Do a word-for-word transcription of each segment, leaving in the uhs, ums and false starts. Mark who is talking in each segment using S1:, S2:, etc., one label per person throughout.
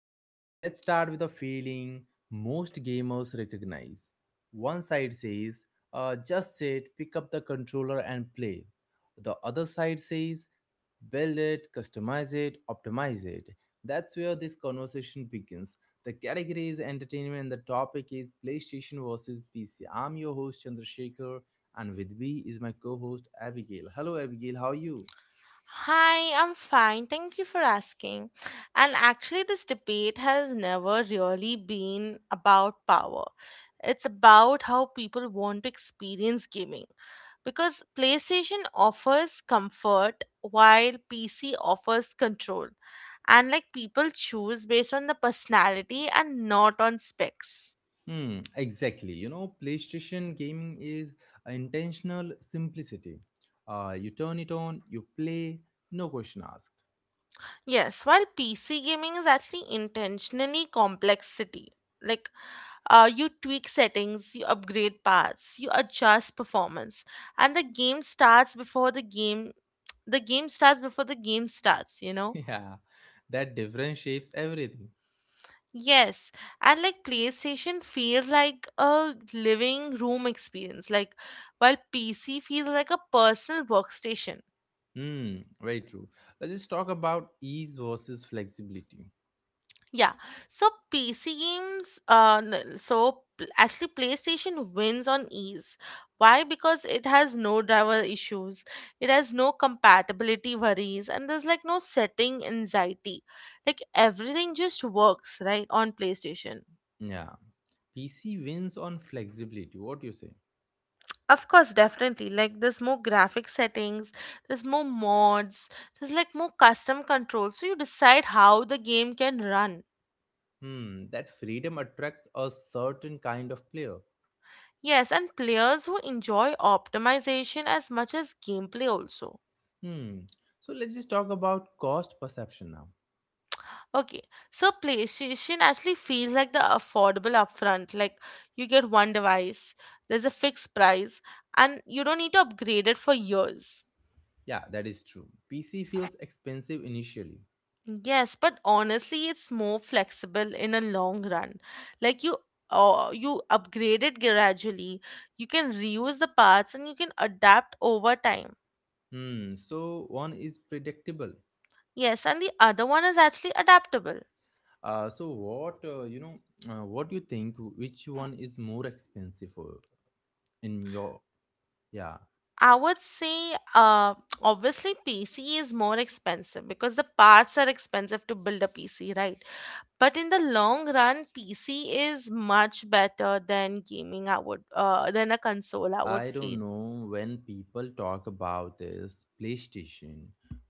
S1: So, let's start with a feeling most gamers recognize. One side says, uh, just sit, pick up the controller, and play. The other side says, build it, customize it, optimize it. That's where this conversation begins. The category is entertainment, and the topic is PlayStation versus P C. I'm your host, Chandrasekhar, and with me is my co host, Abigail. Hello, Abigail. How are you?
S2: Hi, I'm fine. Thank you for asking. And actually, this debate has never really been about power. It's about how people want to experience gaming. Because PlayStation offers comfort while P C offers control. And like people choose based on the personality and not on specs.
S1: Hmm, exactly. You know, PlayStation gaming is a intentional simplicity. Uh, you turn it on, you play, no question asked.
S2: Yes, while P C gaming is actually intentionally complexity. Like uh, you tweak settings, you upgrade paths, you adjust performance, and the game starts before the game. The game starts before the game starts. You know.
S1: Yeah, that difference shapes everything.
S2: Yes, and like PlayStation feels like a living room experience. Like while P C feels like a personal workstation.
S1: Hmm, very true. Let's just talk about ease versus flexibility.
S2: Yeah. So P C games, uh, n- so pl- actually PlayStation wins on ease. Why? Because it has no driver issues, it has no compatibility worries, and there's like no setting anxiety. Like everything just works, right, on PlayStation.
S1: Yeah, P C wins on flexibility. What do you say?
S2: Of course, definitely. Like there's more graphic settings, there's more mods, there's like more custom controls. So you decide how the game can run.
S1: Hmm, that freedom attracts a certain kind of player.
S2: Yes, and players who enjoy optimization as much as gameplay also.
S1: Hmm, so let's just talk about cost perception now.
S2: Okay, so PlayStation actually feels like the affordable upfront. Like you get one device, there's a fixed price, and you don't need to upgrade it for years.
S1: Yeah, that is true. P C feels expensive initially.
S2: Yes, but honestly, it's more flexible in a long run. Like you, uh, you upgrade it gradually. You can reuse the parts and you can adapt over time.
S1: Hmm. So one is predictable.
S2: Yes, and the other one is actually adaptable.
S1: Uh, so what uh, you know? Uh, what do you think? Which one is more expensive for in your? Yeah.
S2: I would say, uh, obviously, P C is more expensive because the parts are expensive to build a P C, right? But in the long run, P C is much better than gaming. I would, uh, than a console. I would
S1: I
S2: feel,
S1: don't know when people talk about this PlayStation,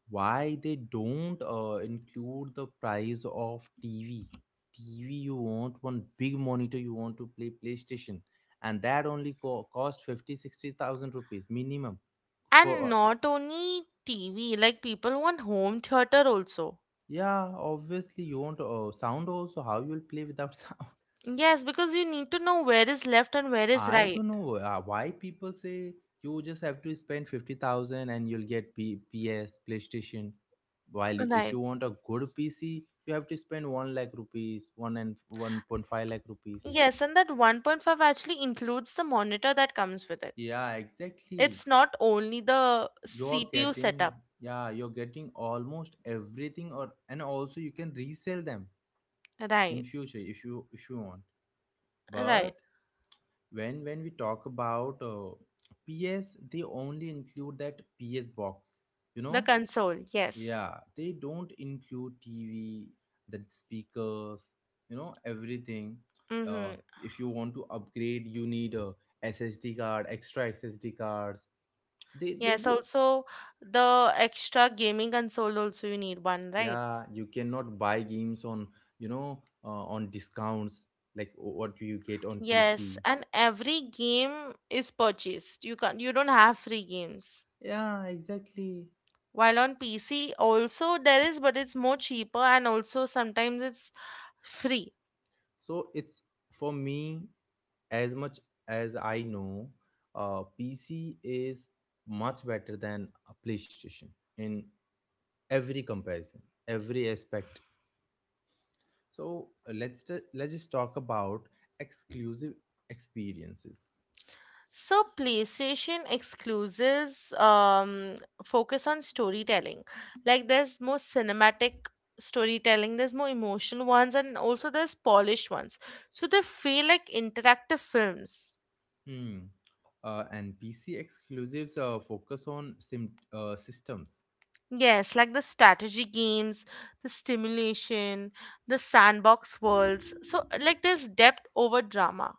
S1: why they don't uh, include the price of T V. T V, you want one big monitor, you want to play PlayStation, and that only co- cost fifty sixty thousand rupees minimum.
S2: and
S1: For uh,
S2: not only T V. Like people want home theater also.
S1: yeah, obviously, you want uh, sound also. How you will play without sound?
S2: Yes, because you need to know where is left and where is
S1: I
S2: right.
S1: don't know uh, why people say you just have to spend fifty thousand and you'll get P- PS, PlayStation. While if
S2: Right.
S1: you want a good P C, you have to spend one lakh rupees, one and one point five lakh rupees.
S2: Yes, and that one point five actually includes the monitor that comes with it.
S1: Yeah, exactly.
S2: It's not only the
S1: You're
S2: C P U
S1: getting,
S2: setup.
S1: yeah, you're getting almost everything or and also you can resell them in
S2: Right,
S1: future if you if you want.
S2: right.
S1: But when when we talk about uh, P S, they only include that P S box, you
S2: The
S1: know?
S2: console, yes.
S1: Yeah, they don't include T V, the speakers, you know, everything. Uh,
S2: Mm-hmm.
S1: if you want to upgrade, you need a S S D card, extra S S D cards. They they
S2: Yes,
S1: do.
S2: also the extra gaming console also you need one, right?
S1: Yeah, you cannot buy games on you know uh, on discounts like what you get on
S2: Yes,
S1: P C.
S2: and every game is purchased. You can't you don't have free games.
S1: Yeah, exactly.
S2: While on P C also there is, but it's more cheaper and also sometimes it's free.
S1: So it's for me as much as I know, uh, P C is much better than a PlayStation in every comparison, every aspect. So uh, let's t- let's just talk about exclusive experiences.
S2: So PlayStation exclusives um, focus on storytelling. Like there's more cinematic storytelling, there's more emotional ones, and also there's polished ones. So they feel like interactive films.
S1: Hmm. uh, and PC exclusives uh, focus on sim- uh, systems.
S2: Yes, like the strategy games, the stimulation, the sandbox worlds. So like there's depth over drama.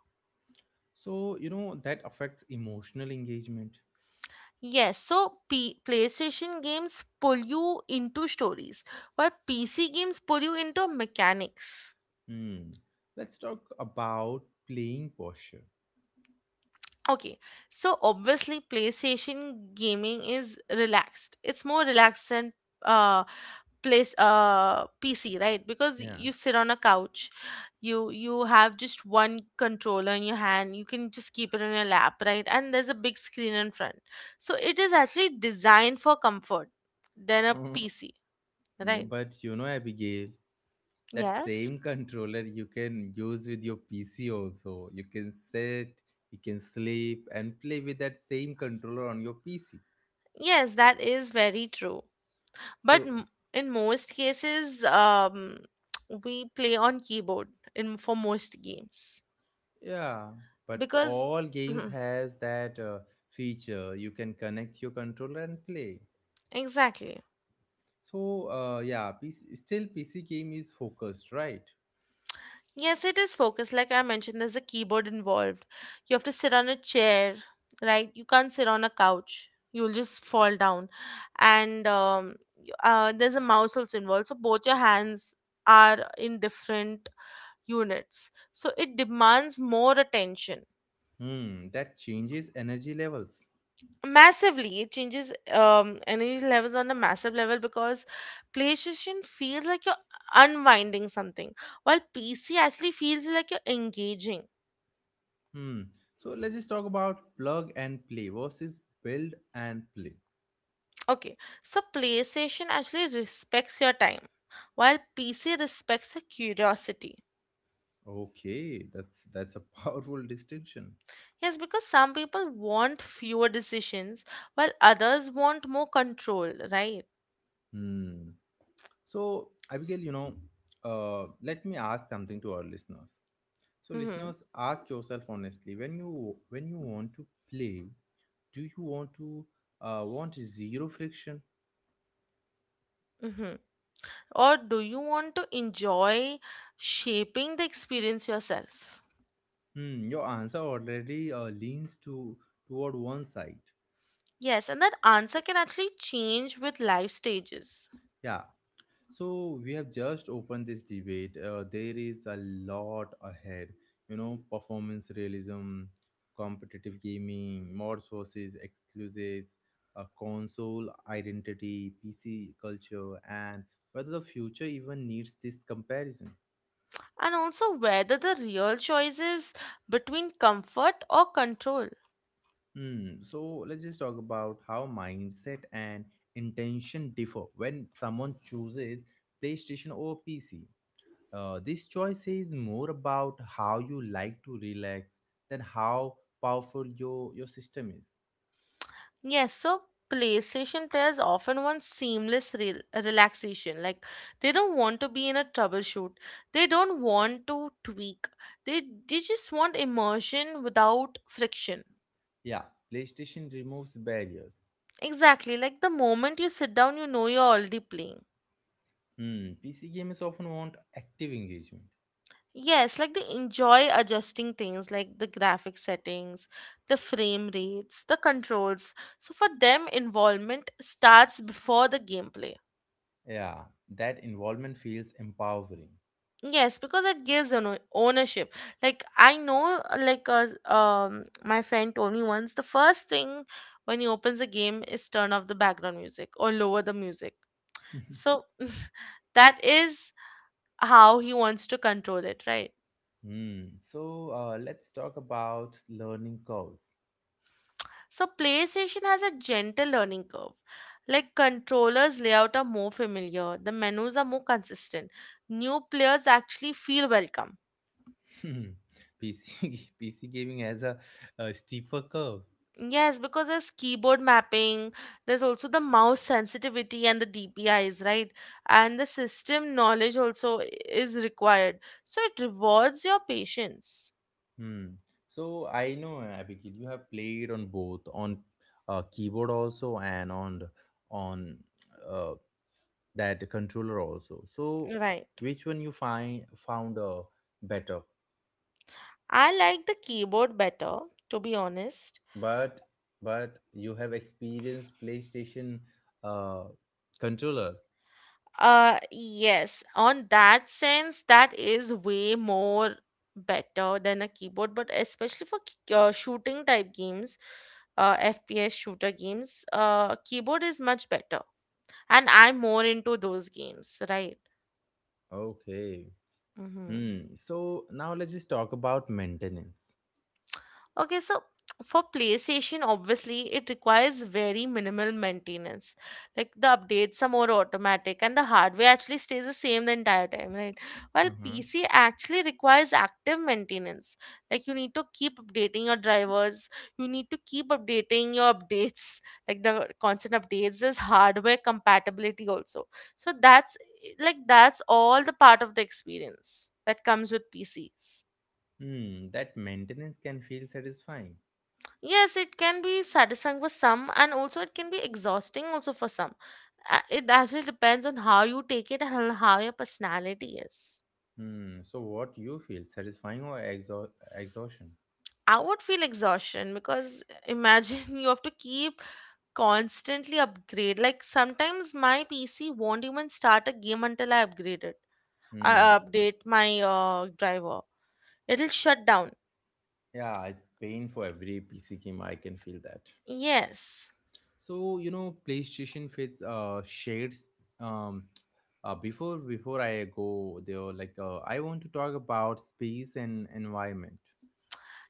S1: So you know that affects emotional engagement.
S2: Yes, so P- PlayStation games pull you into stories, while P C games pull you into mechanics.
S1: Hmm. Let's talk about playing posture.
S2: Okay, so obviously PlayStation gaming is relaxed. It's more relaxed than uh place uh P C, right? Because
S1: Yeah.
S2: you sit on a couch, you you have just one controller in your hand, you can just keep it on your lap, right? And there's a big screen in front. So it is actually designed for comfort than a P C,
S1: Uh,
S2: right?
S1: but you know, Abigail, that
S2: Yes.
S1: same controller you can use with your PC also. You can sit, you can sleep and play with that same controller on your PC.
S2: Yes, that is very true. But
S1: So
S2: m- in most cases um, we play on keyboard in for most games
S1: yeah, but
S2: because
S1: all games
S2: mhm,
S1: has that uh, feature. You can connect your controller and play.
S2: exactly.
S1: So uh, yeah, P C, still PC game is focused, right?
S2: Yes, it is focused like I mentioned, there's a keyboard involved. You have to sit on a chair, right? You can't sit on a couch, you'll just fall down. And um, y- uh, there's a mouse also involved, so both your hands are in different units, so it demands more attention.
S1: Hmm, that changes energy levels.
S2: Massively, it changes um energy levels on a massive level because PlayStation feels like you're unwinding something, while PC actually feels like you're engaging.
S1: Hmm, so let's just talk about plug and play versus build and play.
S2: Okay, so PlayStation actually respects your time, while PC respects your curiosity.
S1: Okay, that's that's a powerful distinction.
S2: Yes, because some people want fewer decisions while others want more control, right?
S1: Hmm. So, Abigail, you know, uh, let me ask something to our listeners. So,
S2: Mm-hmm.
S1: listeners, ask yourself honestly when you when you want to play, do you want to uh, want zero friction?
S2: Mm-hmm. Or do you want to enjoy shaping the experience yourself?
S1: Hmm, your answer already uh, leans to toward one side.
S2: Yes, and that answer can actually change with life stages.
S1: Yeah, So we have just opened this debate. Uh, there is a lot ahead. You know, performance realism, competitive gaming, mods versus exclusives, uh, console identity, P C culture, and whether the future even needs this comparison.
S2: And also whether the real choice is between comfort or control.
S1: Hmm. So let's just talk about how mindset and intention differ when someone chooses PlayStation over P C. Uh, this choice is more about how you like to relax than how powerful your, your system is.
S2: Yes, so PlayStation players often want seamless rel- relaxation. Like they don't want to be in a troubleshoot. They don't want to tweak. They they just want immersion without friction.
S1: Yeah, PlayStation removes barriers.
S2: Exactly. Like the moment you sit down, you know you're already playing.
S1: Hmm, P C gamers often want active engagement.
S2: Yes, like they enjoy adjusting things like the graphic settings, the frame rates, the controls. So for them, involvement starts before the gameplay.
S1: Yeah, that involvement feels empowering.
S2: Yes, because it gives an o- ownership. Like I know, uh, like uh, um, my friend told me once, the first thing when he opens a game is turn off the background music or lower the music. So that is how he wants to control it, right?
S1: Hmm, so uh, let's talk about learning curves.
S2: So PlayStation has a gentle learning curve. Like controllers layout are more familiar, the menus are more consistent. New players actually feel welcome.
S1: P C, P C gaming has a, a steeper curve.
S2: Yes, because there's keyboard mapping, there's also the mouse sensitivity and the D P Is, right? And the system knowledge also i- is required. So it rewards your patience.
S1: Hmm. So I know, uh, Abigail, you have played on both on uh, keyboard also and on the- on uh, that controller also. So
S2: Right.
S1: which one you find found, uh, better?
S2: I like the keyboard better, to be honest.
S1: But but you have experienced PlayStation uh, controller.
S2: Uh yes, on that sense, that is way more better than a keyboard, but especially for k- uh, shooting type games, uh, F P S shooter games, uh, keyboard is much better, and I'm more into those games, right?
S1: Okay.
S2: Mm-hmm.
S1: Hmm. So now let's just talk about maintenance.
S2: Okay, so for PlayStation, obviously, it requires very minimal maintenance. Like the updates are more automatic and the hardware actually stays the same the entire time, right? While
S1: Uh-huh.
S2: P C actually requires active maintenance. Like you need to keep updating your drivers, you need to keep updating your updates, like the constant updates. There's hardware compatibility also. So that's like that's all the part of the experience that comes with P Cs.
S1: Hmm. That maintenance can feel satisfying.
S2: Yes, it can be satisfying for some, and also it can be exhausting also for some. Uh, It actually depends on how you take it and on how your personality is.
S1: Hmm. So what you feel, satisfying or exha exhaustion?
S2: I would feel exhaustion because imagine you have to keep constantly upgrade. Like sometimes my P C won't even start a game until I upgrade it. I
S1: Hmm.
S2: update my uh, driver. It'll shut down.
S1: Yeah, it's pain for every P C game. I can feel that.
S2: Yes.
S1: So you know, PlayStation fits uh shades. Um, uh, before Before I go there, like uh, I want to talk about space and environment.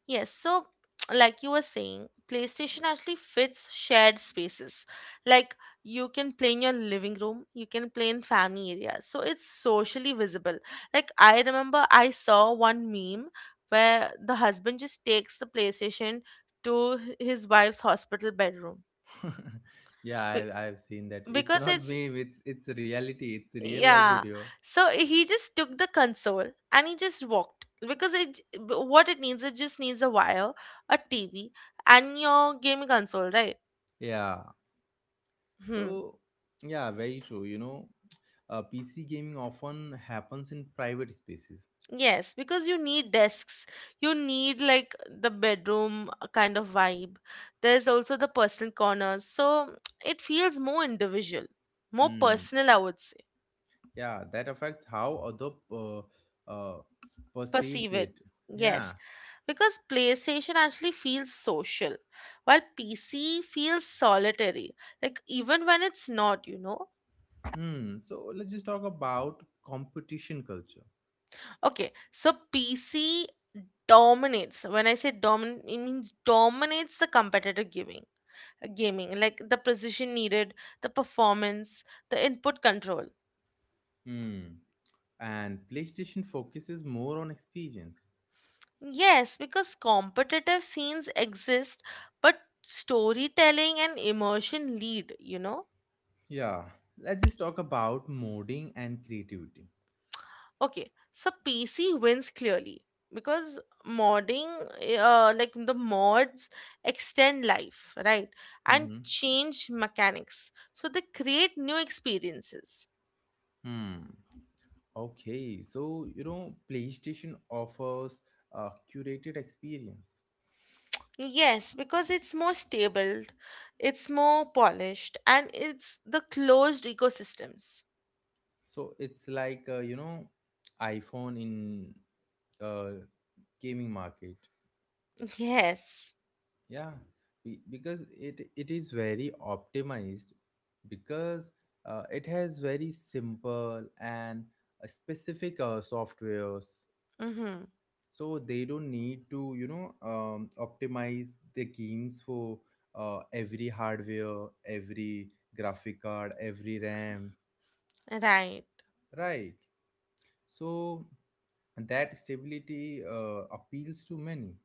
S2: Yes, so like you were saying, PlayStation actually fits shared spaces. Like you can play in your living room, you can play in family areas. So it's socially visible. Like I remember I saw one meme where the husband just takes the PlayStation to his wife's hospital bedroom.
S1: Yeah,
S2: Be-
S1: I, I've seen that. It's
S2: Because
S1: not
S2: it's.
S1: meme. It's it's reality. It's real life
S2: Yeah.
S1: video.
S2: So eh, he just took the console and he just walked because it j- b- what it needs it just needs a wire, a T V, and your gaming console, right?
S1: Yeah.
S2: Hmm.
S1: So yeah, very true. You know, uh, P C gaming often happens in private spaces.
S2: Yes, because you need desks. You need like the bedroom uh, kind of vibe. There's also the personal corners. So it feels more individual, more
S1: Hmm.
S2: personal, I would say.
S1: Yeah, that affects how other uh, uh, perceives
S2: Perceive it.
S1: it. Yeah.
S2: Yes. Because PlayStation actually feels social, while P C feels solitary, like even when it's not, you know.
S1: Hmm. So let's just talk about competition culture.
S2: Okay, so P C dominates. When I say dominate, it means dominates the competitive giving, gaming, like the precision needed, the performance, the input control.
S1: Hmm. And PlayStation focuses more on experience.
S2: Yes, because competitive scenes exist, but storytelling and immersion lead, you know.
S1: Yeah. Let's just talk about modding and creativity.
S2: Okay, so P C wins clearly because modding, uh, like the mods extend life, right? And
S1: Mm-hmm.
S2: change mechanics. So they create new experiences.
S1: Hmm. Okay. So you know, PlayStation offers a curated experience.
S2: Yes, because it's more stable, it's more polished, and it's the closed ecosystems.
S1: So it's like uh, you know, iPhone in uh, gaming market.
S2: Yes.
S1: Yeah, be- because it it is very optimized because uh, it has very simple and uh, specific uh, softwares.
S2: Mm-hmm.
S1: So they don't need to you know um, optimize the games for uh, every hardware, every graphic card, every RAM,
S2: Right.
S1: right? So and that stability uh, appeals to many.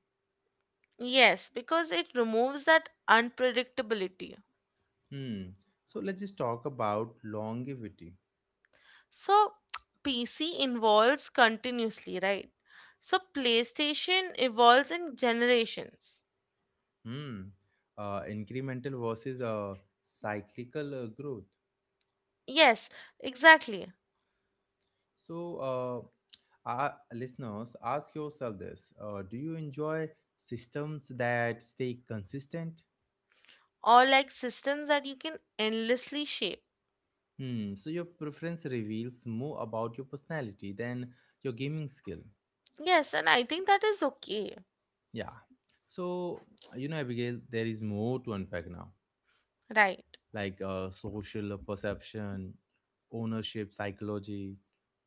S2: Yes, because it removes that unpredictability.
S1: Hmm. So let's just talk about longevity.
S2: So P C evolves continuously, right? So PlayStation evolves in generations.
S1: Hmm. Uh, incremental versus uh, cyclical uh, growth.
S2: Yes, exactly.
S1: So, uh, our listeners, ask yourself this: uh, Do you enjoy systems that stay consistent?
S2: Or like systems that you can endlessly shape.
S1: Hmm. So your preference reveals more about your personality than your gaming skill.
S2: Yes, and I think that is okay,
S1: Yeah. So you know, Abigail, there is more to unpack now.
S2: right?
S1: Like uh, social perception, ownership psychology,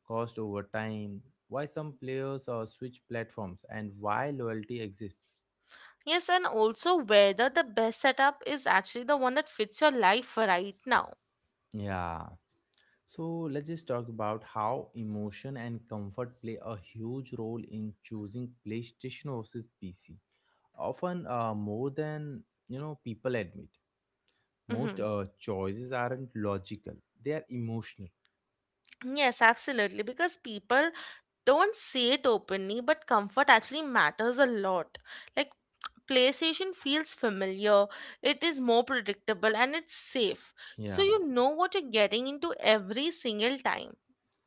S1: cost over time, why some players uh, switch platforms, and why loyalty exists.
S2: Yes, and also whether the best setup is actually the one that fits your life right now.
S1: Yeah. So let's just talk about how emotion and comfort play a huge role in choosing PlayStation versus P C. Often uh, more than you know people admit. Most
S2: Hmm.
S1: uh, choices aren't logical; they are emotional.
S2: Yes, absolutely. Because people don't say it openly, but comfort actually matters a lot. Like, PlayStation feels familiar, it is more predictable, and it's safe. So,
S1: Yeah,
S2: you know what you're getting into every single time.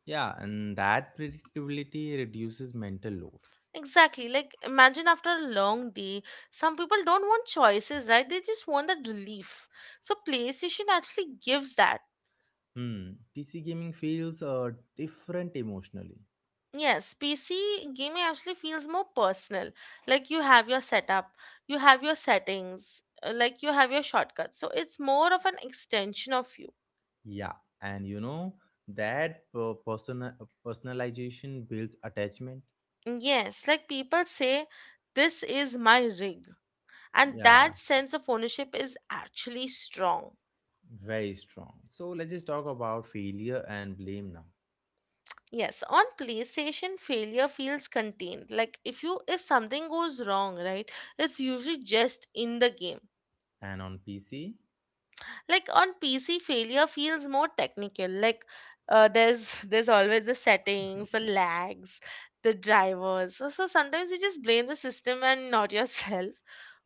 S1: yeah, and that predictability reduces mental load.
S2: Exactly. Like, imagine after a long day, some people don't want choices, right? They just want that relief. So, PlayStation actually gives that.
S1: Hmm, P C gaming feels uh, different emotionally.
S2: Yes, P C gaming actually feels more personal. Like you have your setup, you have your settings, uh, like you have your shortcuts. So it's more of an extension of you.
S1: Yeah, and you know that per- personal personalization builds attachment.
S2: Yes, like people say, this is my rig. And
S1: Yeah,
S2: that sense of ownership is actually strong.
S1: very strong. So let's just talk about failure and blame now.
S2: Yes, on PlayStation, failure feels contained. Like if you if something goes wrong, right, it's usually just in the game.
S1: And on P C,
S2: Like on PC failure feels more technical. Like uh, there's there's always the settings, the lags, the drivers. So, so sometimes you just blame the system and not yourself.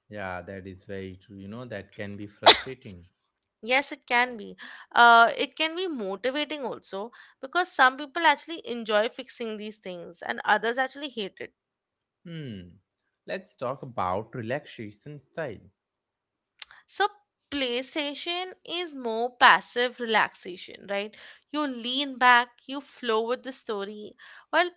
S1: yeah, that is very true. You know that can be frustrating.
S2: Yes, it can be. Uh, it can be motivating also, because some people actually enjoy fixing these things and others actually hate it.
S1: Hmm. Let's talk about relaxation style.
S2: So PlayStation is more passive relaxation, right? You lean back, you flow with the story, while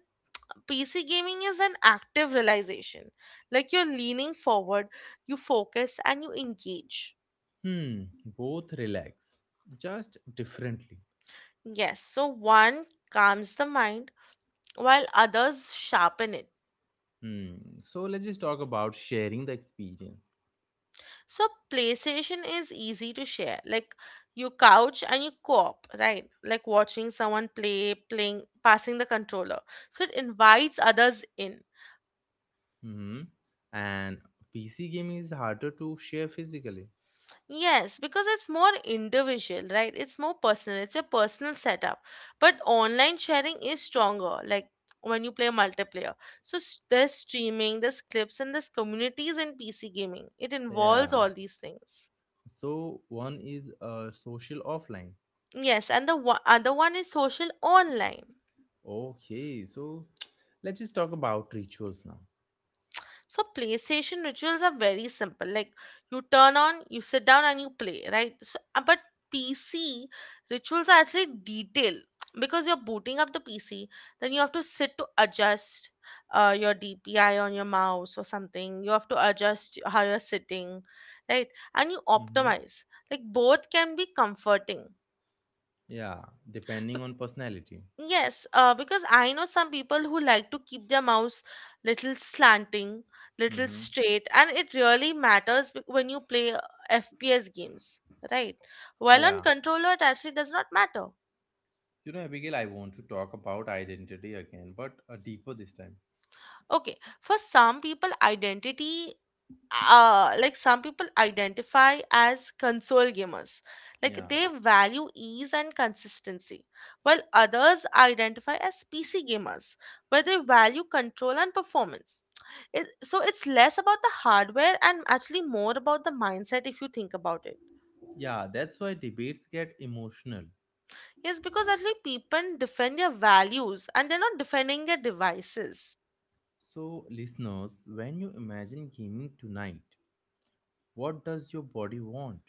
S2: P C gaming is an active realization. Like you're leaning forward, you focus and you engage.
S1: Hmm, both relax, just differently.
S2: Yes, so one calms the mind while others sharpen it.
S1: Hmm. So let's just talk about sharing the experience.
S2: So PlayStation is easy to share. Like you couch and you co-op, right? Like watching someone play, playing, passing the controller. So it invites others in.
S1: Hmm. And P C game is harder to share physically.
S2: Yes, because it's more individual, right? It's more personal. It's a personal setup. But online sharing is stronger, like when you play multiplayer. So s- there's streaming, there's clips, and there's communities in P C gaming. It involves
S1: Yeah.
S2: all these things.
S1: So one is uh, social offline.
S2: Yes, and the one, other one is social online.
S1: Okay. So let's just talk about rituals now.
S2: So PlayStation rituals are very simple. Like you turn on, you sit down and you play, right? So uh, but P C rituals are actually detailed because you're booting up the P C, then you have to sit to adjust uh, your D P I on your mouse or something. You have to adjust how you're sitting, right? And you
S1: Mm-hmm.
S2: optimize. Like both can be comforting.
S1: Yeah. Depending on personality.
S2: Yes, uh, because I know some people who like to keep their mouths little slanting, little
S1: Mm-hmm.
S2: straight, and it really matters w- when you play uh, F P S games, right? While on
S1: Yeah.
S2: controller, it actually does not matter.
S1: You know, Abigail, I want to talk about identity again, but uh, deeper this time.
S2: Okay, for some people, identity, uh like some people identify as console gamers, like
S1: Yeah.
S2: they value ease and consistency, while others identify as PC gamers where they value control and performance. It, so it's less about the hardware and actually more about the mindset if you think about it.
S1: Yeah. That's why debates get emotional.
S2: Yes, because actually people defend their values and they're not defending their devices.
S1: So, listeners, when you imagine gaming tonight, what does your body want?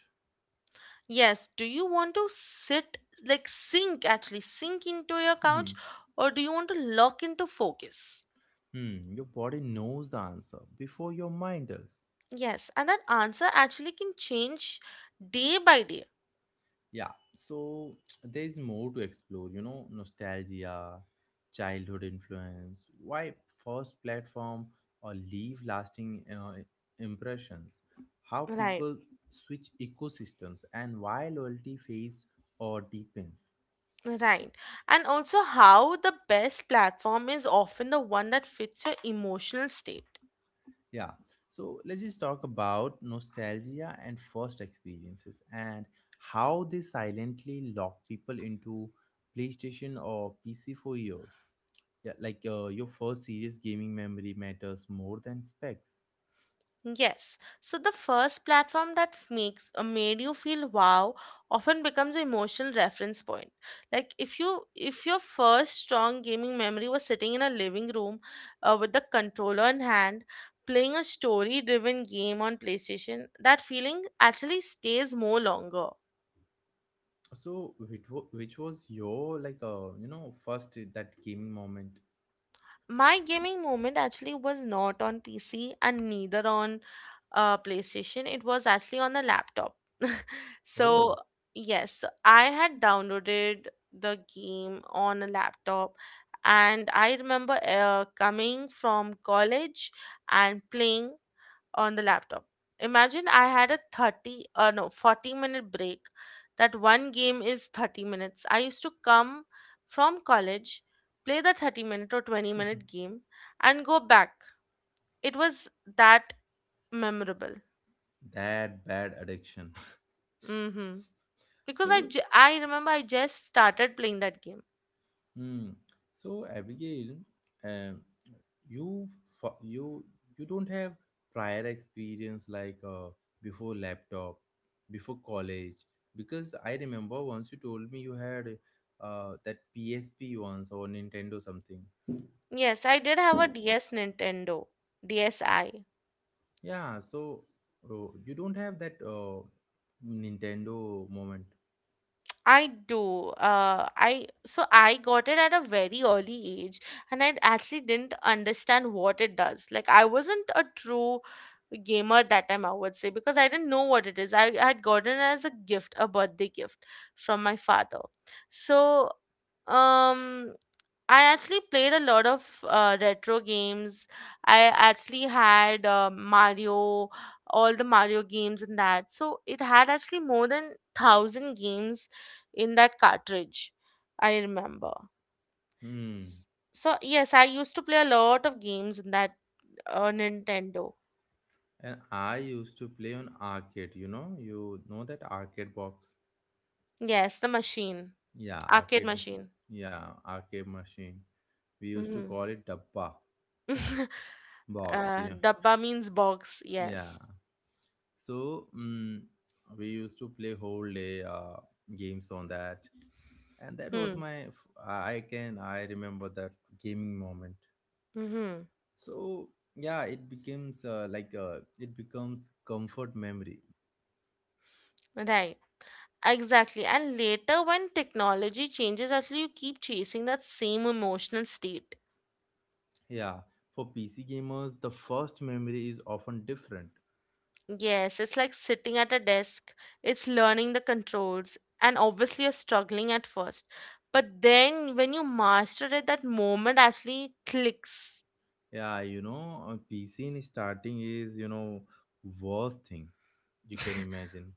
S2: Yes. Do you want to sit, like sink, actually sink into your couch, or do you want to lock into focus?
S1: Hmm, your body knows the answer before your mind does.
S2: Yes. And that answer actually can change day by day.
S1: Yeah, so there is more to explore, you know, nostalgia, childhood influence, why first platform or leave lasting uh, impressions, how
S2: Right.
S1: people switch ecosystems, and why loyalty fades or deepens.
S2: Right. And also, how the best platform is often the one that fits your emotional state.
S1: Yeah. So let's just talk about nostalgia and first experiences and how they silently lock people into PlayStation or P C for years. Yeah, like uh, your first serious gaming memory matters more than specs.
S2: Yes. So the first platform that f- makes uh, made you feel wow often becomes an emotional reference point. Like if you if your first strong gaming memory was sitting in a living room uh, with the controller in hand playing a story driven game on PlayStation, that feeling actually stays more longer.
S1: So which, wa- which was your like uh, you know first that gaming moment?
S2: My gaming moment actually was not on PC and neither on uh, PlayStation. It was actually on the laptop. So
S1: Oh,
S2: yes, I had downloaded the game on a laptop, and I remember uh, coming from college and playing on the laptop. Imagine I had a thirty, uh no, forty minute break. That one game is thirty minutes. I used to come from college, play the thirty minute or twenty minute game and go back. It was that memorable.
S1: that bad addiction.
S2: Mhm. Because I
S1: So.
S2: ju- I remember I just started playing that game.
S1: Hmm. So, Abigail, um, you fo- you you don't have prior experience, like uh, before laptop, before college, because I remember once you told me you had uh, that P S P once or Nintendo something.
S2: Yes, I did have a D S Nintendo DSi.
S1: Yeah. So uh, you don't have that uh, Nintendo moment.
S2: I do. Uh, I so I got it at a very early age, and I actually didn't understand what it does. Like I wasn't a true gamer at that time, I would say, because I didn't know what it is. I had gotten it as a gift, a birthday gift from my father. So, um, I actually played a lot of uh, retro games. I actually had uh, Mario, all the Mario games and that. So it had actually more than thousand games in that cartridge. I remember.
S1: Hmm.
S2: S- So yes, I used to play a lot of games in that uh, Nintendo.
S1: And I used to play on arcade. You know, you know that arcade box.
S2: Yes, the machine,
S1: Yeah,
S2: arcade
S1: arcade.
S2: machine.
S1: Yeah, arcade machine. We used to
S2: Hmm.
S1: call it dabba box.
S2: Uh,
S1: Yeah,
S2: dabba means box.
S1: yeah.
S2: Yes.
S1: So mm we used to play whole day uh, games on that, and that
S2: Hmm.
S1: was my. F- I can I remember that gaming moment.
S2: Mm-hmm.
S1: So yeah, it becomes uh, like uh, it becomes comfort memory.
S2: Right. Exactly. And later, when technology changes, actually, you keep chasing that same emotional state.
S1: Yeah, for P C gamers, the first memory is often different.
S2: Yes, it's like sitting at a desk. It's learning the controls and obviously you're struggling at first. But then when you master it, that moment actually clicks.
S1: Yeah, you know, uh, P C in starting is, you know, worst thing you can imagine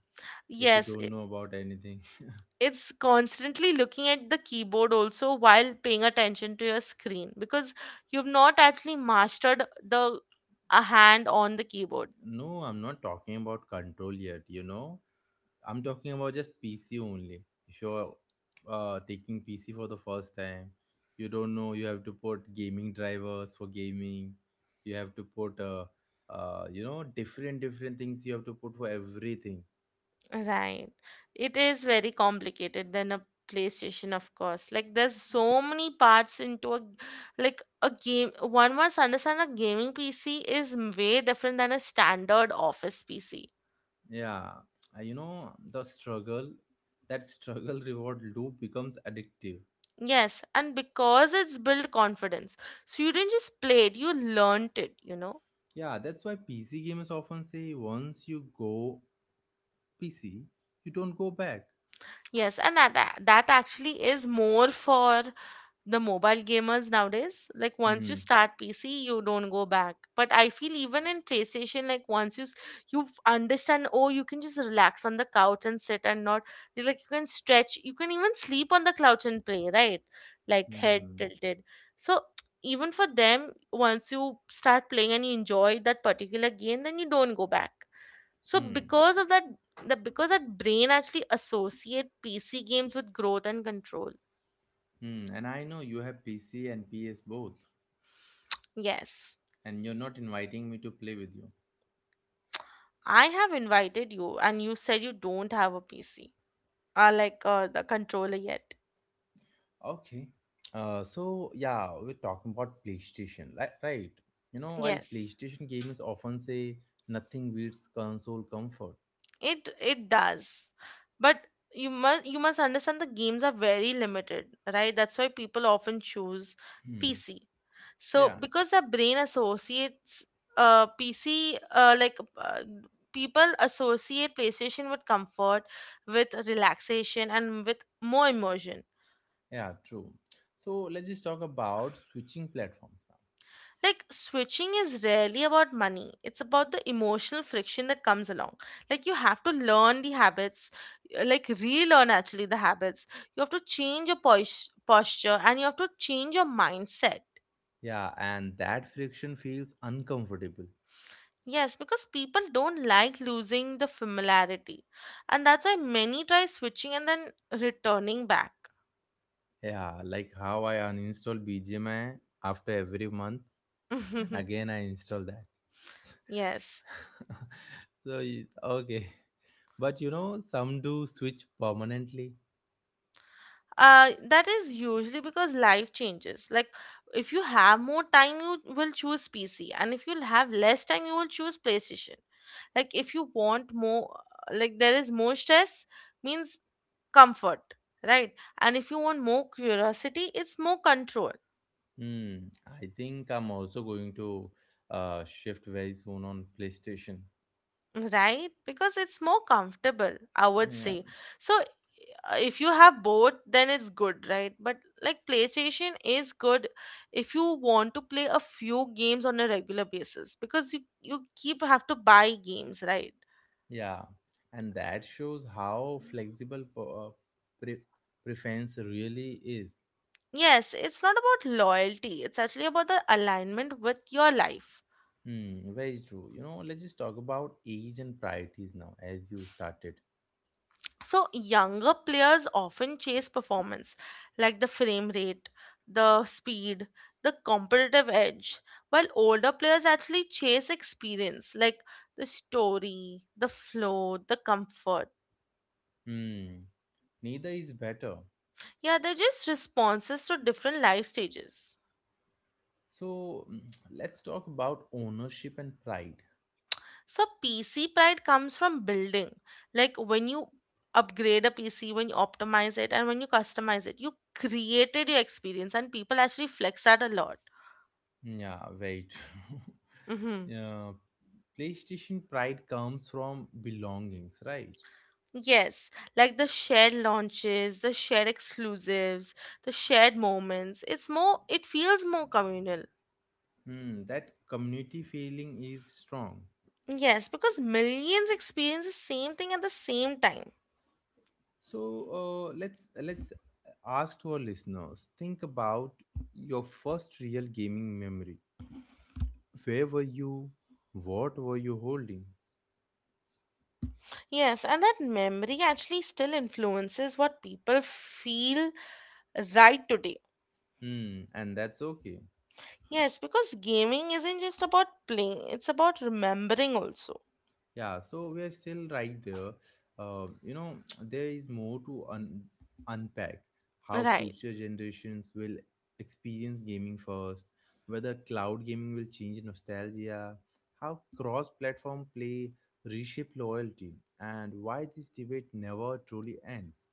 S1: if you
S2: Yes,
S1: don't
S2: i-
S1: know about anything.
S2: it's constantly looking at the keyboard also while paying attention to your screen because you've not actually mastered the a hand on the keyboard.
S1: No, I'm not talking about control yet, you know. I'm talking about just P C only. If you're uh, taking P C for the first time, you don't know, you have to put gaming drivers for gaming. You have to put, uh, uh, you know, different, different things you have to put for everything.
S2: Right. It is very complicated than a PlayStation, of course. Like there's so many parts into a like a game. One must understand a gaming P C is m- way different than a standard office P C.
S1: Yeah, uh, you know, the struggle, that struggle reward loop becomes addictive.
S2: Yes, and because it's built confidence. So you didn't just play it, you learnt it, you know.
S1: Yeah, that's why P C gamers often say once you go P C, you don't go back.
S2: Yes, and that that that actually is more for the mobile gamers nowadays. Like once you
S1: Hmm.
S2: start PC, you don't go back, but I feel even in PlayStation, like once you s- you f- understand, oh, you can just relax on the couch and sit, and not like you can stretch, you can even sleep on the couch and play, right, like head
S1: Hmm.
S2: tilted. So even for them, once you start playing and you enjoy that particular game, then you don't go back. So
S1: Hmm.
S2: because of that, the because that brain actually associate PC games with growth and control.
S1: Hmm. And I know you have P C and P S both,
S2: Yes,
S1: and you're not inviting me to play with you.
S2: I have invited you, and you said you don't have a P C, uh, like uh, the controller yet.
S1: Okay. Uh, so yeah, we're talking about PlayStation, like right? You know, while
S2: Yes,
S1: PlayStation gamers often say nothing beats console comfort.
S2: it it does, but you must you must understand the games are very limited, right? That's why people often choose
S1: Hmm.
S2: P C. So
S1: Yeah,
S2: because our brain associates uh P C, uh, like uh, people associate PlayStation with comfort, with relaxation, and with more immersion.
S1: Yeah, true. So let's just talk about switching platforms now.
S2: Like switching is rarely about money. It's about the emotional friction that comes along. Like you have to learn the habits, uh, like relearn actually the habits. You have to change your pos- posture and you have to change your mindset.
S1: Yeah, and that friction feels uncomfortable.
S2: Yes, because people don't like losing the familiarity. And that's why many try switching and then returning back.
S1: Yeah, like how I uninstall B G M I after every month and again I install that.
S2: Yes.
S1: so, you- okay. But you know, some do switch permanently.
S2: uh that is usually because life changes, like if you have more time you will choose PC, and if you'll have less time you will choose PlayStation. Like if you want more, like there is more stress means comfort, right, and if you want more curiosity, it's more control.
S1: Hmm, I think I'm also going to uh, shift very soon on PlayStation.
S2: Right? Because it's more comfortable, I would
S1: Yeah.
S2: say. So uh, if you have both, then it's good, right? But like PlayStation is good if you want to play a few games on a regular basis because you, you keep have to buy games, right?
S1: Yeah, and that shows how flexible po- uh, pre- preference really is.
S2: Yes, it's not about loyalty. It's actually about the alignment with your life.
S1: Hmm, very true. You know, let's just talk about age and priorities now, as you started.
S2: So younger players often chase performance, like the frame rate, the speed, the competitive edge, while older players actually chase experience, like the story, the flow, the comfort.
S1: Hmm, neither is better.
S2: Yeah, they're just responses to different life stages.
S1: So mm, let's talk about ownership and pride.
S2: So P C pride comes from building, like when you upgrade a P C, when you optimize it, and when you customize it, you created your experience, and people actually flex that a lot.
S1: Yeah, very true.
S2: Mm-hmm.
S1: Yeah, PlayStation pride comes from belongings, right?
S2: Yes, like the shared launches, the shared exclusives, the shared moments. It's more, it feels more communal.
S1: Hmm, that community feeling is strong.
S2: Yes, because millions experience the same thing at the same time.
S1: So uh, let's let's ask to our listeners. Think about your first real gaming memory. Where were you? What were you holding?
S2: Yes, and that memory actually still influences what people feel right today.
S1: Hmm, and that's okay.
S2: Yes, because gaming isn't just about playing, it's about remembering also.
S1: Yeah, so we are still right there. Uh, you know, there is more to un- unpack how
S2: Right.
S1: future generations will experience gaming first, whether cloud gaming will change nostalgia, how cross platform play reshape loyalty, and why this debate never truly ends.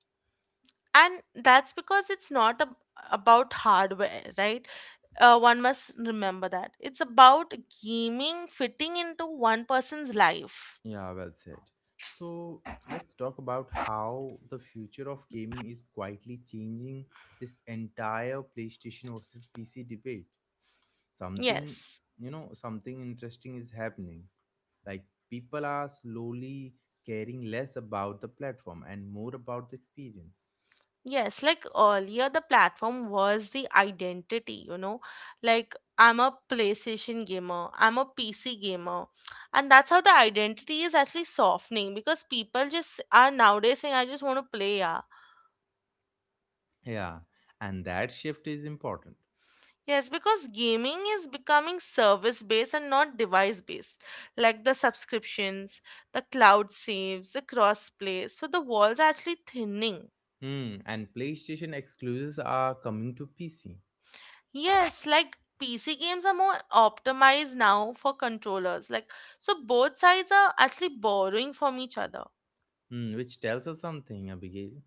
S2: And that's because it's not ab- about hardware, right? Uh, one must remember that it's about gaming fitting into one person's life.
S1: Yeah, well said. So let's talk about how the future of gaming is quietly changing this entire PlayStation versus P C debate. Something
S2: Yes.
S1: You know, something interesting is happening, like people are slowly caring less about the platform and more about the experience.
S2: Yes, like earlier the platform was the identity, you know, like I'm a PlayStation gamer, I'm a PC gamer. And that's how the identity is actually softening because people just are nowadays saying I just want to play. Yeah.
S1: Yeah, and that shift is important.
S2: Yes, because gaming is becoming service based and not device based, like the subscriptions, the cloud saves, the crossplay. So the walls are actually thinning.
S1: Hmm, and PlayStation exclusives are coming to PC.
S2: Yes, like P C games are more optimized now for controllers. Like so both sides are actually borrowing from each other.
S1: Hmm, which tells us something, Abigail.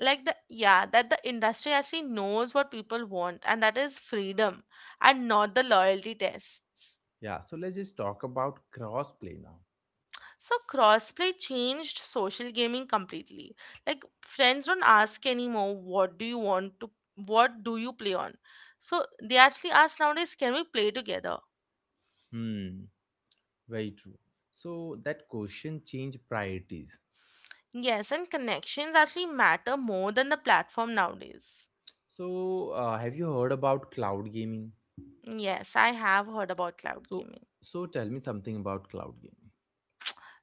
S2: Like the yeah, that the industry actually knows what people want, and that is freedom and not the loyalty tests.
S1: Yeah, so let's just talk about crossplay now.
S2: So crossplay changed social gaming completely. Like friends don't ask anymore what do you want to what do you play on? So they actually ask nowadays, can we play together?
S1: Hmm, very true. So that question change priorities.
S2: Yes, and connections actually matter more than the platform nowadays.
S1: So uh, have you heard about cloud gaming?
S2: Yes, I have heard about cloud
S1: So,
S2: gaming.
S1: so tell me something about cloud gaming.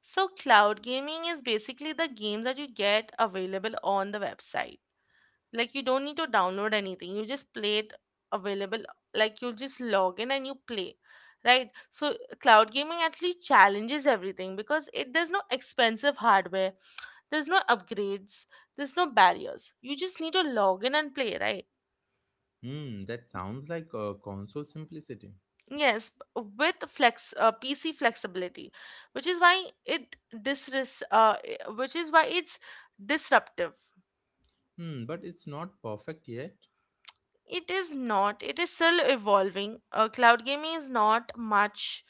S2: So cloud gaming is basically the games that you get available on the website. Like you don't need to download anything, you just play it available. Like you just log in and you play, right? So cloud gaming actually challenges everything because it there's no expensive hardware, there's no upgrades, there's no barriers. You just need to log in and play, right?
S1: Hmm, that sounds like a console simplicity.
S2: Yes, b- with flex uh, PC flexibility, which is why it disres uh, i- which is why it's disruptive.
S1: Hmm, but it's not perfect yet.
S2: It is not. It is still evolving. Uh, cloud gaming is not much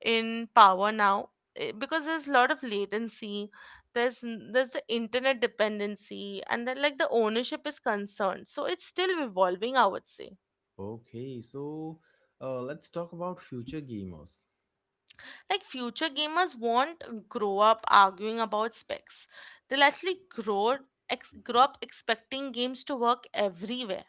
S2: in power now, eh, because there's a lot of latency. There's n- there's the internet dependency and then like the ownership is concerned. So it's still evolving, I would say.
S1: Okay, so uh, let's talk about future gamers.
S2: Like future gamers won't grow up arguing about specs. They'll actually grow ex- grow up expecting games to work everywhere.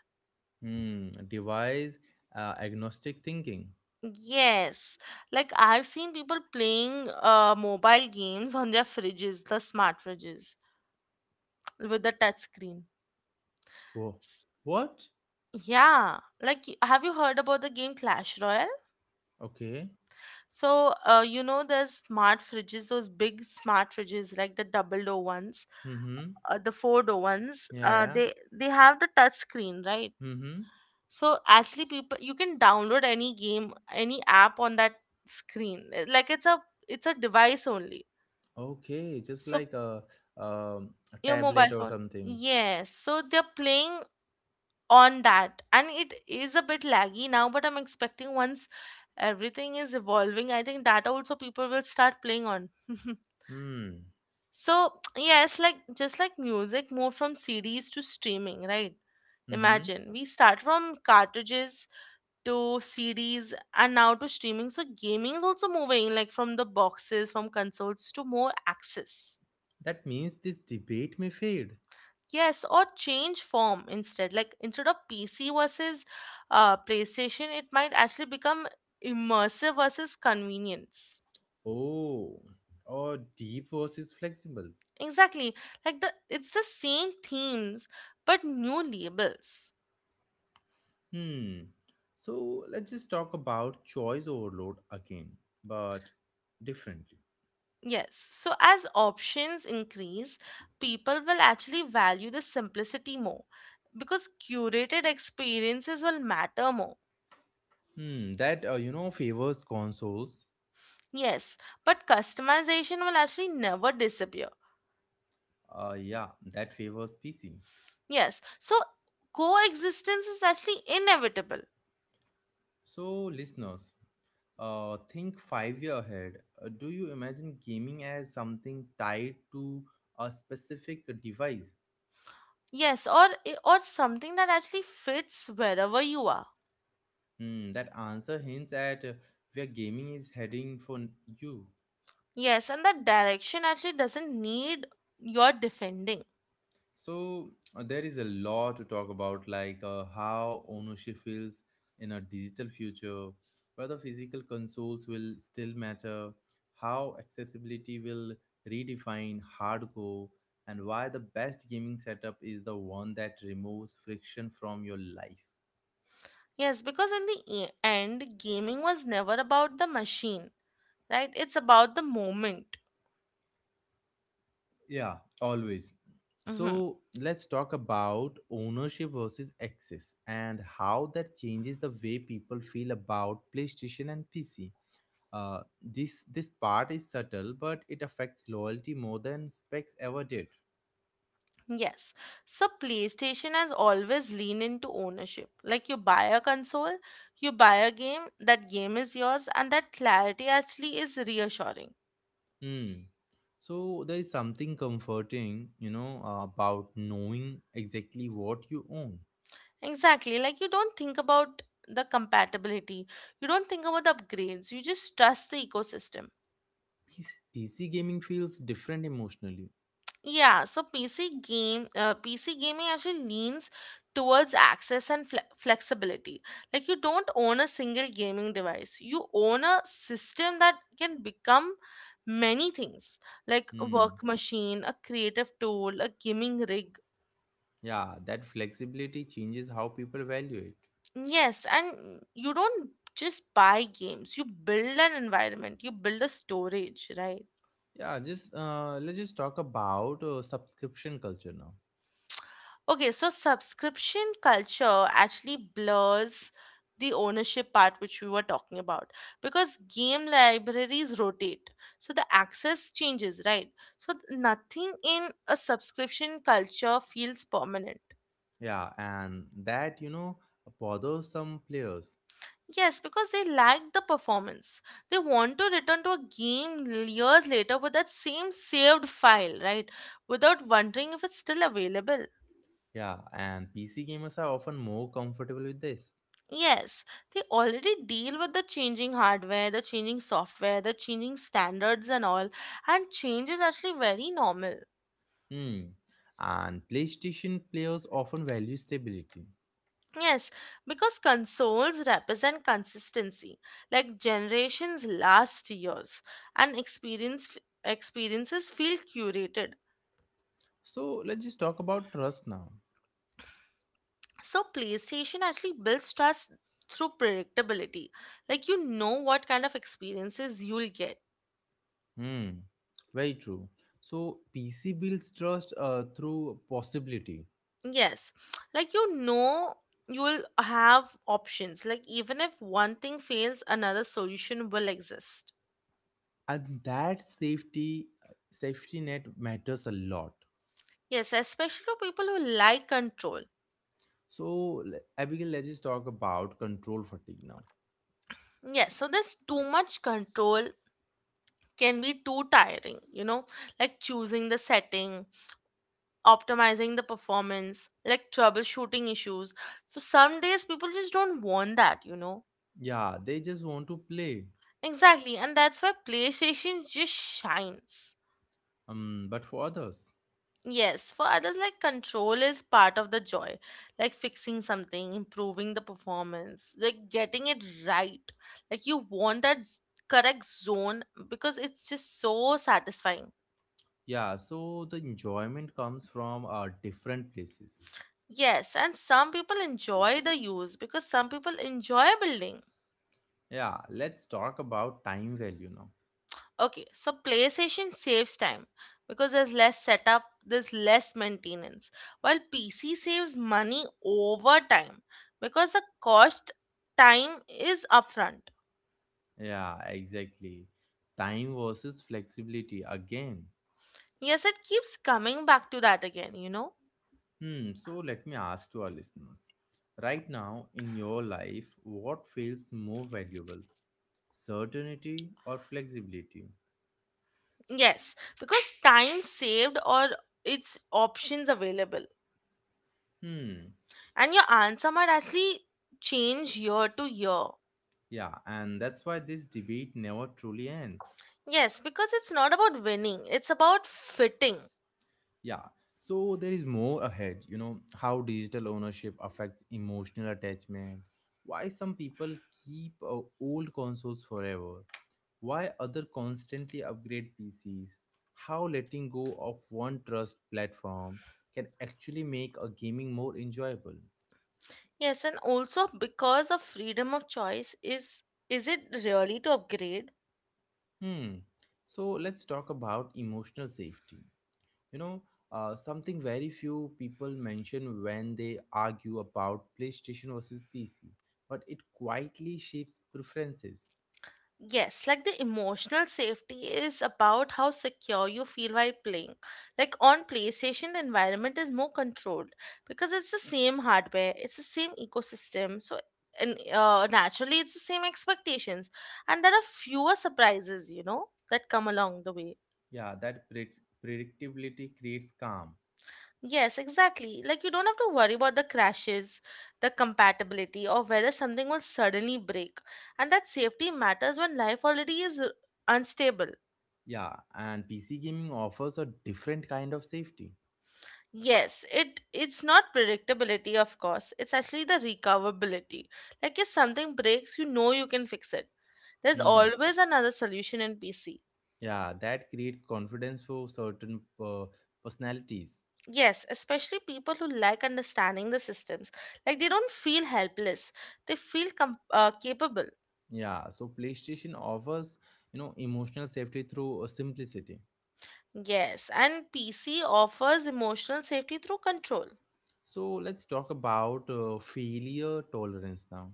S1: Hmm, device uh, agnostic thinking.
S2: Yes, like I've seen people playing uh, mobile games on their fridges, the smart fridges with the touch screen.
S1: Whoa,
S2: S-
S1: what?
S2: Yeah, like y- have you heard about the game Clash Royale?
S1: Okay.
S2: So, uh, you know, there's smart fridges, those big smart fridges, like the double door ones,
S1: Mm-hmm.
S2: uh, the four door ones.
S1: Yeah,
S2: Uh,
S1: yeah.
S2: they they have the touch screen, right?
S1: Mm-hmm.
S2: So actually, people you can download any game, any app on that screen. Uh, Like it's a it's a device only.
S1: Okay, just
S2: So,
S1: like a, um, a
S2: your
S1: tablet
S2: mobile
S1: or
S2: phone.
S1: something.
S2: Yes. So they're playing on that. And it is a bit laggy now, but I'm expecting once everything is evolving, I think that also people will start playing on.
S1: Hmm.
S2: So, yes, like just like music moved from C Ds to streaming, right?
S1: Mm-hmm.
S2: Imagine we start from cartridges to C Ds and now to streaming. So, gaming is also moving like from the boxes, from consoles to more access.
S1: That means this debate may fade.
S2: Yes, or change form instead. Like instead of P C versus uh, PlayStation, it might actually become immersive versus convenience.
S1: Oh, or deep versus flexible.
S2: Exactly. Like the it's the same themes but new labels.
S1: Hmm. So let's just talk about choice overload again, but differently.
S2: Yes. So as options increase, people will actually value the simplicity more because curated experiences will matter more.
S1: Hmm. That uh, you know, favors consoles.
S2: Yes, but customization will actually never disappear.
S1: Uh, yeah, that favors P C.
S2: Yes. So coexistence is actually inevitable.
S1: So listeners, uh, think five year ahead. Uh, do you imagine gaming as something tied to a specific device?
S2: Yes, or eh, or something that actually fits wherever you are.
S1: Hmm. That answer hints at uh, where gaming is heading for you.
S2: Yes, and that direction actually doesn't need your defending.
S1: So uh, there is a lot to talk about, like uh, how ownership feels in a digital future, whether physical consoles will still matter, how accessibility will redefine hardcore, and why the best gaming setup is the one that removes friction from your life.
S2: Yes, because in the e- end, gaming was never about the machine, right? It's about the moment.
S1: Yeah, always.
S2: Hmm.
S1: So let's talk about ownership versus access and how that changes the way people feel about PlayStation and P C. Uh, this this part is subtle, but it affects loyalty more than specs ever did.
S2: Yes. So PlayStation has always leaned into ownership. Like you buy a console, you buy a game, that game is yours, and that clarity actually is reassuring.
S1: Hmm. So there is something comforting, you know, uh, about knowing exactly what you own.
S2: Exactly. Like you don't think about the compatibility. You don't think about the upgrades. You just trust the ecosystem.
S1: PC, P C gaming feels different emotionally.
S2: Yeah, so P C game uh, P C gaming actually leans towards access and fle- flexibility. Like you don't own a single gaming device. You own a system that can become many things, like a
S1: Hmm.
S2: work machine, a creative tool, a gaming rig.
S1: Yeah, that flexibility changes how people value it.
S2: Yes, and you don't just buy games, you build an environment, you build a storage, right?
S1: Yeah, just uh, let's just talk about uh, subscription culture now.
S2: Okay, so subscription culture actually blurs the ownership part which we were talking about because game libraries rotate. So the access changes, right? So th- nothing in a subscription culture feels permanent.
S1: Yeah, and that, you know, bothers some players.
S2: Yes, because they like the performance. They want to return to a game years later with that same saved file, right? Without wondering if it's still available.
S1: Yeah, and P C gamers are often more comfortable with this.
S2: Yes, they already deal with the changing hardware, the changing software, the changing standards, and all. And change is actually very normal.
S1: Hmm. And PlayStation players often value stability.
S2: Yes, because consoles represent consistency, like generations last years, and experience f- experiences feel curated.
S1: So let's just talk about trust now.
S2: So PlayStation actually builds trust through predictability. Like you know what kind of experiences you'll get.
S1: Hmm. Very true. So P C builds trust uh, through possibility,
S2: Yes. Like you know you'll have options. Like even if one thing fails, another solution will exist.
S1: and that safety safety net matters a lot.
S2: Yes, especially for people who like control.
S1: So le- Abigail, let's just talk about control fatigue now.
S2: Yes, so there's too much control can be too tiring, you know, like choosing the setting, optimizing the performance, like troubleshooting issues. For some days, people just don't want that, you know?
S1: Yeah, they just want to play,
S2: Exactly, and that's why PlayStation just shines.
S1: um, but for others.
S2: Yes, for others, like control is part of the joy, like fixing something, improving the performance, like getting it right. Like you want that correct zone because it's just so satisfying.
S1: Yeah, so the enjoyment comes from uh, different places.
S2: Yes, and some people enjoy the use because some people enjoy building.
S1: Yeah, let's talk about time value now.
S2: Okay, so PlayStation saves time because there's less setup, there's less maintenance, while P C saves money over time because the cost time is upfront.
S1: Yeah, exactly. Time versus flexibility again.
S2: Yes, it keeps coming back to that again, you know?
S1: Hmm, so let me ask to our listeners. Right now in your life, what feels more valuable? Certainty or flexibility?
S2: Yes, because time saved or its options available.
S1: Hmm,
S2: And your answer might actually change year to year.
S1: yeah, and that's why this debate never truly ends.
S2: Yes, because it's not about winning, it's about fitting.
S1: Yeah. So there is more ahead, you know, how digital ownership affects emotional attachment, why some people keep uh, old consoles forever, why other constantly upgrade P Cs, how letting go of one trust platform can actually make a gaming more enjoyable.
S2: Yes, and also because of freedom of choice is is it really to upgrade?
S1: Hmm. So let's talk about emotional safety. You know, uh, something very few people mention when they argue about PlayStation versus P C, but it quietly shapes preferences.
S2: Yes, like the emotional safety is about how secure you feel while playing. Like on PlayStation, the environment is more controlled because it's the same hardware, it's the same ecosystem, so and uh, naturally it's the same expectations, and there are fewer surprises, you know, that come along the way.
S1: Yeah, that pre- predictability creates calm.
S2: Yes, exactly. Like you don't have to worry about the crashes, the compatibility, or whether something will suddenly break. And that safety matters when life already is r- unstable.
S1: Yeah, and P C gaming offers a different kind of safety.
S2: Yes, it it's not predictability, of course. It's actually the recoverability. Like if something breaks, you know you can fix it. There's
S1: Hmm.
S2: always another solution in P C.
S1: Yeah, that creates confidence for certain uh, personalities.
S2: Yes, especially people who like understanding the systems. Like they don't feel helpless; they feel com- uh, capable.
S1: Yeah, so PlayStation offers, you know, emotional safety through uh, simplicity.
S2: Yes, and P C offers emotional safety through control.
S1: So let's talk about uh, failure tolerance now.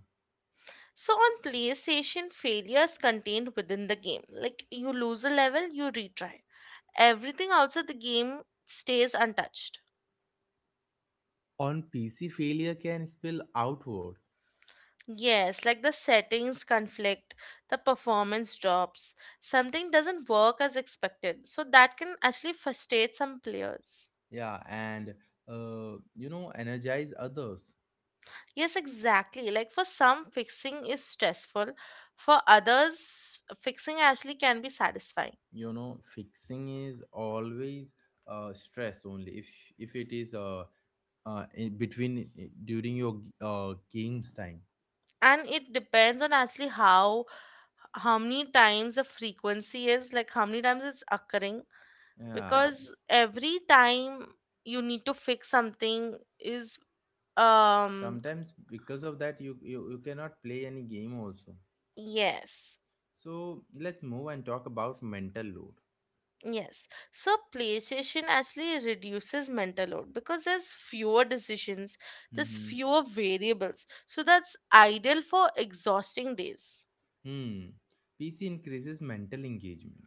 S2: So on PlayStation, failures contained within the game. Like you lose a level, you retry. Everything outside the game stays untouched.
S1: On P C, failure can spill outward.
S2: Yes, like the settings conflict, the performance drops, something doesn't work as expected. So that can actually frustrate some players.
S1: Yeah, and uh, you know, energize others.
S2: Yes, exactly. Like for some, fixing is stressful. For others, fixing actually can be satisfying.
S1: You know, fixing is always uh, stress only if if it is uh, uh in between eh, during your uh, games time.
S2: And it depends on actually how how many times the frequency is, like how many times it's occurring,
S1: Yeah,
S2: because every time you need to fix something is um
S1: sometimes because of that you, you you cannot play any game also.
S2: yes.
S1: So let's move and talk about mental load.
S2: Yes, so PlayStation actually reduces mental load because there's fewer decisions, there's
S1: Mm-hmm.
S2: fewer variables, so that's ideal for exhausting days.
S1: Hmm. P C increases mental engagement.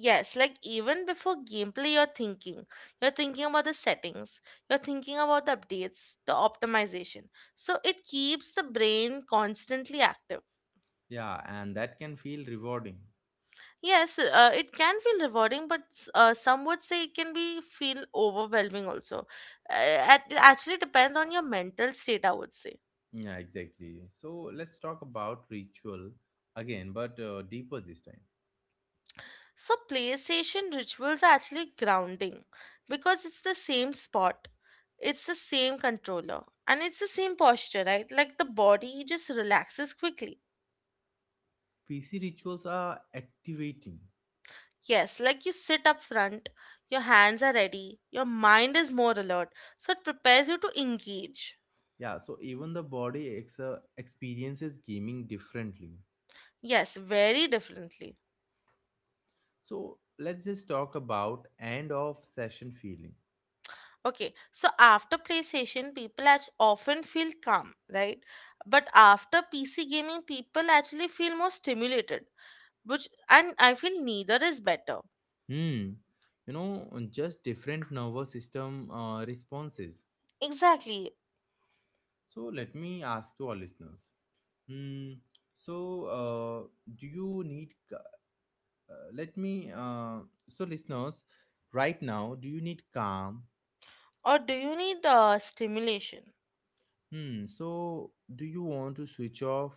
S2: Yes, like even before gameplay, you're thinking. You're thinking about the settings. You're thinking about the updates, the optimization. So it keeps the brain constantly active.
S1: Yeah, and that can feel rewarding.
S2: Yes, uh, it can feel rewarding, but s- uh, some would say it can be feel overwhelming also. Uh, at- it actually depends on your mental state, I would say.
S1: Yeah, exactly. So let's talk about ritual again, but uh, deeper this time.
S2: So play station rituals are actually grounding because it's the same spot, it's the same controller, and it's the same posture, right? Like the body just relaxes quickly.
S1: P C rituals are activating.
S2: Yes, like you sit up front, your hands are ready, your mind is more alert, so it prepares you to engage.
S1: Yeah, so even the body ex- uh, experiences gaming differently.
S2: Yes, very differently.
S1: So let's just talk about end of session feeling.
S2: Okay, so after play session, people act- often feel calm, right? But after P C gaming, people actually feel more stimulated. Which, and I feel neither is better.
S1: Hmm. You know, just different nervous system uh, responses.
S2: Exactly.
S1: So let me ask to our listeners. Hmm. So, uh, do you need Uh, let me uh, so listeners, right now, do you need calm?
S2: Or do you need uh, stimulation?
S1: Hmm, so do you want to switch off?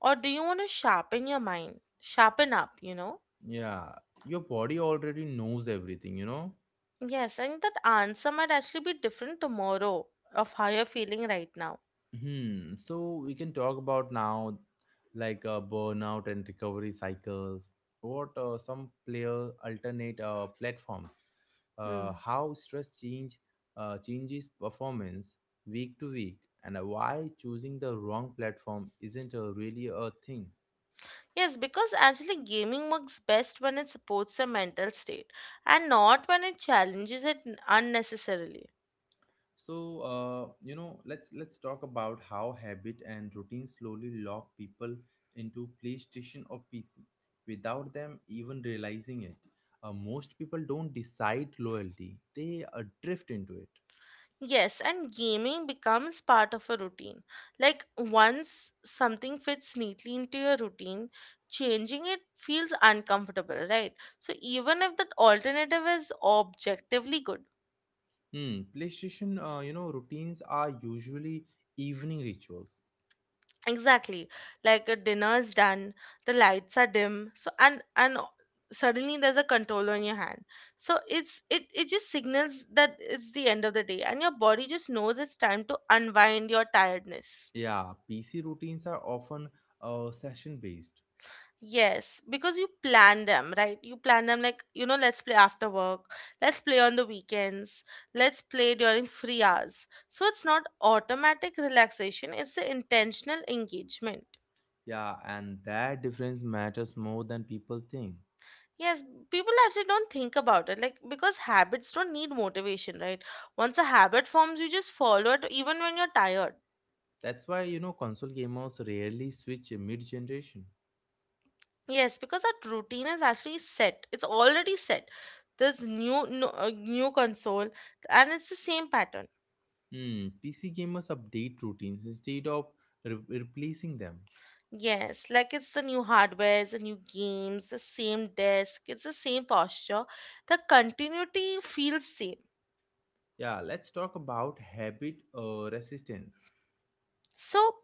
S2: Or do you want to sharpen your mind? Sharpen up, you know?
S1: Yeah, your body already knows everything, you know.
S2: Yes, and that answer might actually be different tomorrow of how you're feeling right now.
S1: Hmm, so we can talk about now, like, uh, burnout and recovery cycles, what uh, some player alternate uh, platforms, uh,
S2: Hmm.
S1: how stress change uh, changes performance week to week, and why choosing the wrong platform isn't a, really a thing.
S2: Yes, because actually gaming works best when it supports your mental state and not when it challenges it unnecessarily.
S1: So uh, you know, let's let's talk about how habit and routine slowly lock people into PlayStation or PC without them even realizing it. Uh, most people don't decide loyalty, they uh, drift into it.
S2: Yes, and gaming becomes part of a routine. Like once something fits neatly into your routine, changing it feels uncomfortable, right? So even if that alternative is objectively good.
S1: Hmm, PlayStation, uh, you know, routines are usually evening rituals.
S2: Exactly. Like a dinner is done, the lights are dim, so and and suddenly there's a controller on your hand. So it's it it just signals that it's the end of the day and your body just knows it's time to unwind your tiredness.
S1: Yeah, PC routines are often uh, session based.
S2: Yes, because you plan them, right? You plan them like, you know, let's play after work, let's play on the weekends, let's play during free hours. So it's not automatic relaxation, it's the intentional engagement.
S1: Yeah, and that difference matters more than people think.
S2: Yes, people actually don't think about it, like, because habits don't need motivation, right? Once a habit forms, you just follow it even when you're tired.
S1: That's why, you know, console gamers rarely switch mid generation.
S2: Yes, because that routine is actually set, it's already set. There's new, no, uh, new console, and it's the same pattern.
S1: Hmm, P C gamers update routines instead of re- replacing them.
S2: Yes, like it's the new hardware, the new games, the same desk, it's the same posture. The continuity feels same.
S1: Yeah, let's talk about habit uh, resistance.
S2: So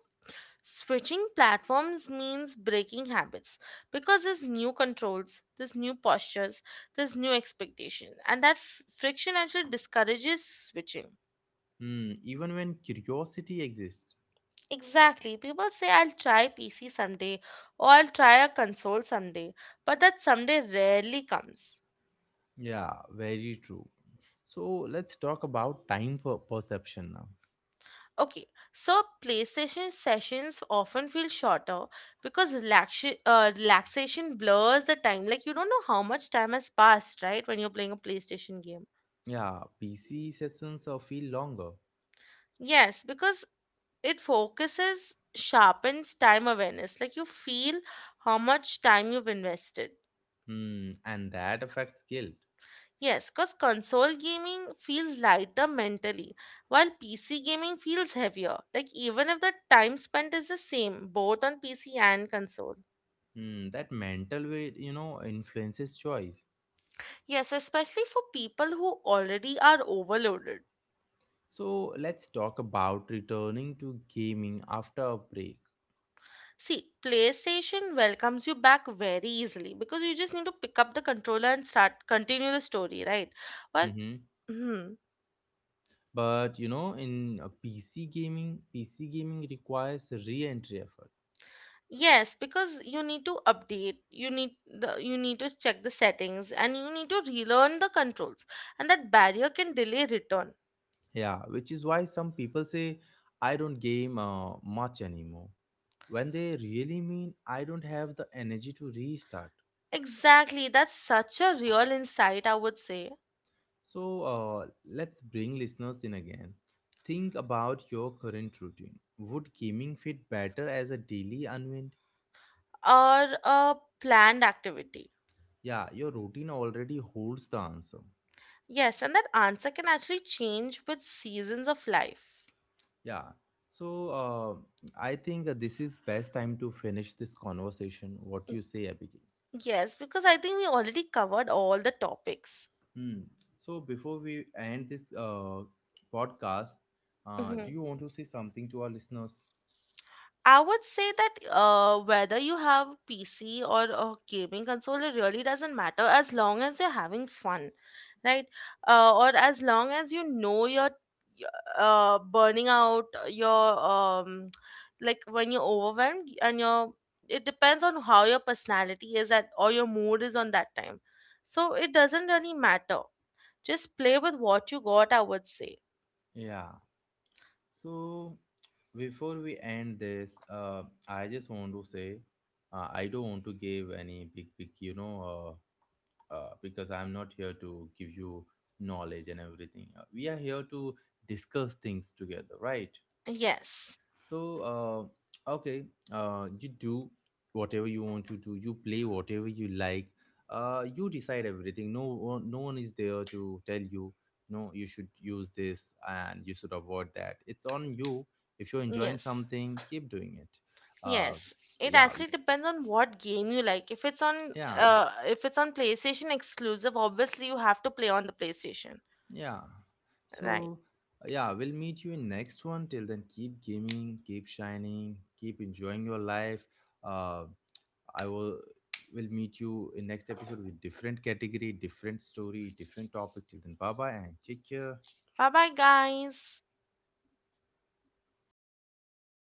S2: switching platforms means breaking habits because there's new controls, there's new postures, there's new expectation, and that f- friction actually discourages switching.
S1: Hmm, even when curiosity exists.
S2: Exactly. People say I'll try P C someday or I'll try a console someday, but that someday rarely comes.
S1: Yeah, very true. So let's talk about time per- perception now.
S2: Okay, so PlayStation sessions often feel shorter because relaxation uh, relaxation blurs the time. Like you don't know how much time has passed, right? When you're playing a PlayStation game.
S1: Yeah, P C sessions uh, feel longer.
S2: Yes, because it focuses, sharpens time awareness. Like you feel how much time you've invested.
S1: Hmm, and that affects guilt.
S2: Yes, because console gaming feels lighter mentally, while P C gaming feels heavier. Like even if the time spent is the same, both on P C and console.
S1: Hmm, that mental weight, you know, influences choice.
S2: Yes, especially for people who already are overloaded.
S1: So let's talk about returning to gaming after a break.
S2: See, PlayStation welcomes you back very easily because you just need to pick up the controller and start continue the story, right? Well,
S1: Mhm.
S2: hmm,
S1: But you know, in uh, P C gaming, P C gaming requires re-entry effort.
S2: yes, because you need to update, you need the you need to check the settings and you need to relearn the controls. And that barrier can delay return.
S1: Yeah, which is why some people say I don't game uh, much anymore. When they really mean I don't have the energy to restart.
S2: Exactly, that's such a real insight, I would say.
S1: So uh, let's bring listeners in again. Think about your current routine. Would gaming fit better as a daily unwind?
S2: Or a planned activity.
S1: Yeah, your routine already holds the answer.
S2: Yes, and that answer can actually change with seasons of life.
S1: Yeah. So uh, I think uh, this is best time to finish this conversation. What
S2: Y-
S1: you say, Abigail?
S2: Yes, because I think we already covered all the topics.
S1: Hmm. So before we end this uh, podcast, uh, do
S2: Mhm.
S1: you want to say something to our listeners?
S2: I would say that uh, whether you have P C or a gaming console, it really doesn't matter as long as you're having fun, right? Uh, or as long as you know you're uh, burning out, your um, like when you're overwhelmed and you're, it depends on how your personality is at or your mood is on that time. So it doesn't really matter. Just play with what you got, I would say.
S1: Yeah. So before we end this, uh, I just want to say uh, I don't want to give any big, big, you know, uh, uh, because I'm not here to give you knowledge and everything. Uh, we are here to discuss things together, right?
S2: Yes.
S1: So, uh, okay, uh, you do whatever you want to do. You play whatever you like. Uh, you decide everything. No one, no one is there to tell you, no, you should use this and you should avoid that. It's on you. If you're enjoying
S2: Yes.
S1: something, keep doing it. Uh,
S2: Yes, it
S1: yeah,
S2: actually depends on what game you like. If it's on
S1: yeah,
S2: uh if it's on PlayStation exclusive, obviously you have to play on the PlayStation.
S1: yeah.
S2: Right.
S1: So, yeah, we'll meet you in next one. Till then, keep gaming, keep shining, keep enjoying your life. Uh, I will will meet you in next episode with different category, different story, different topic. Till then, bye bye and take care.
S2: Bye bye guys.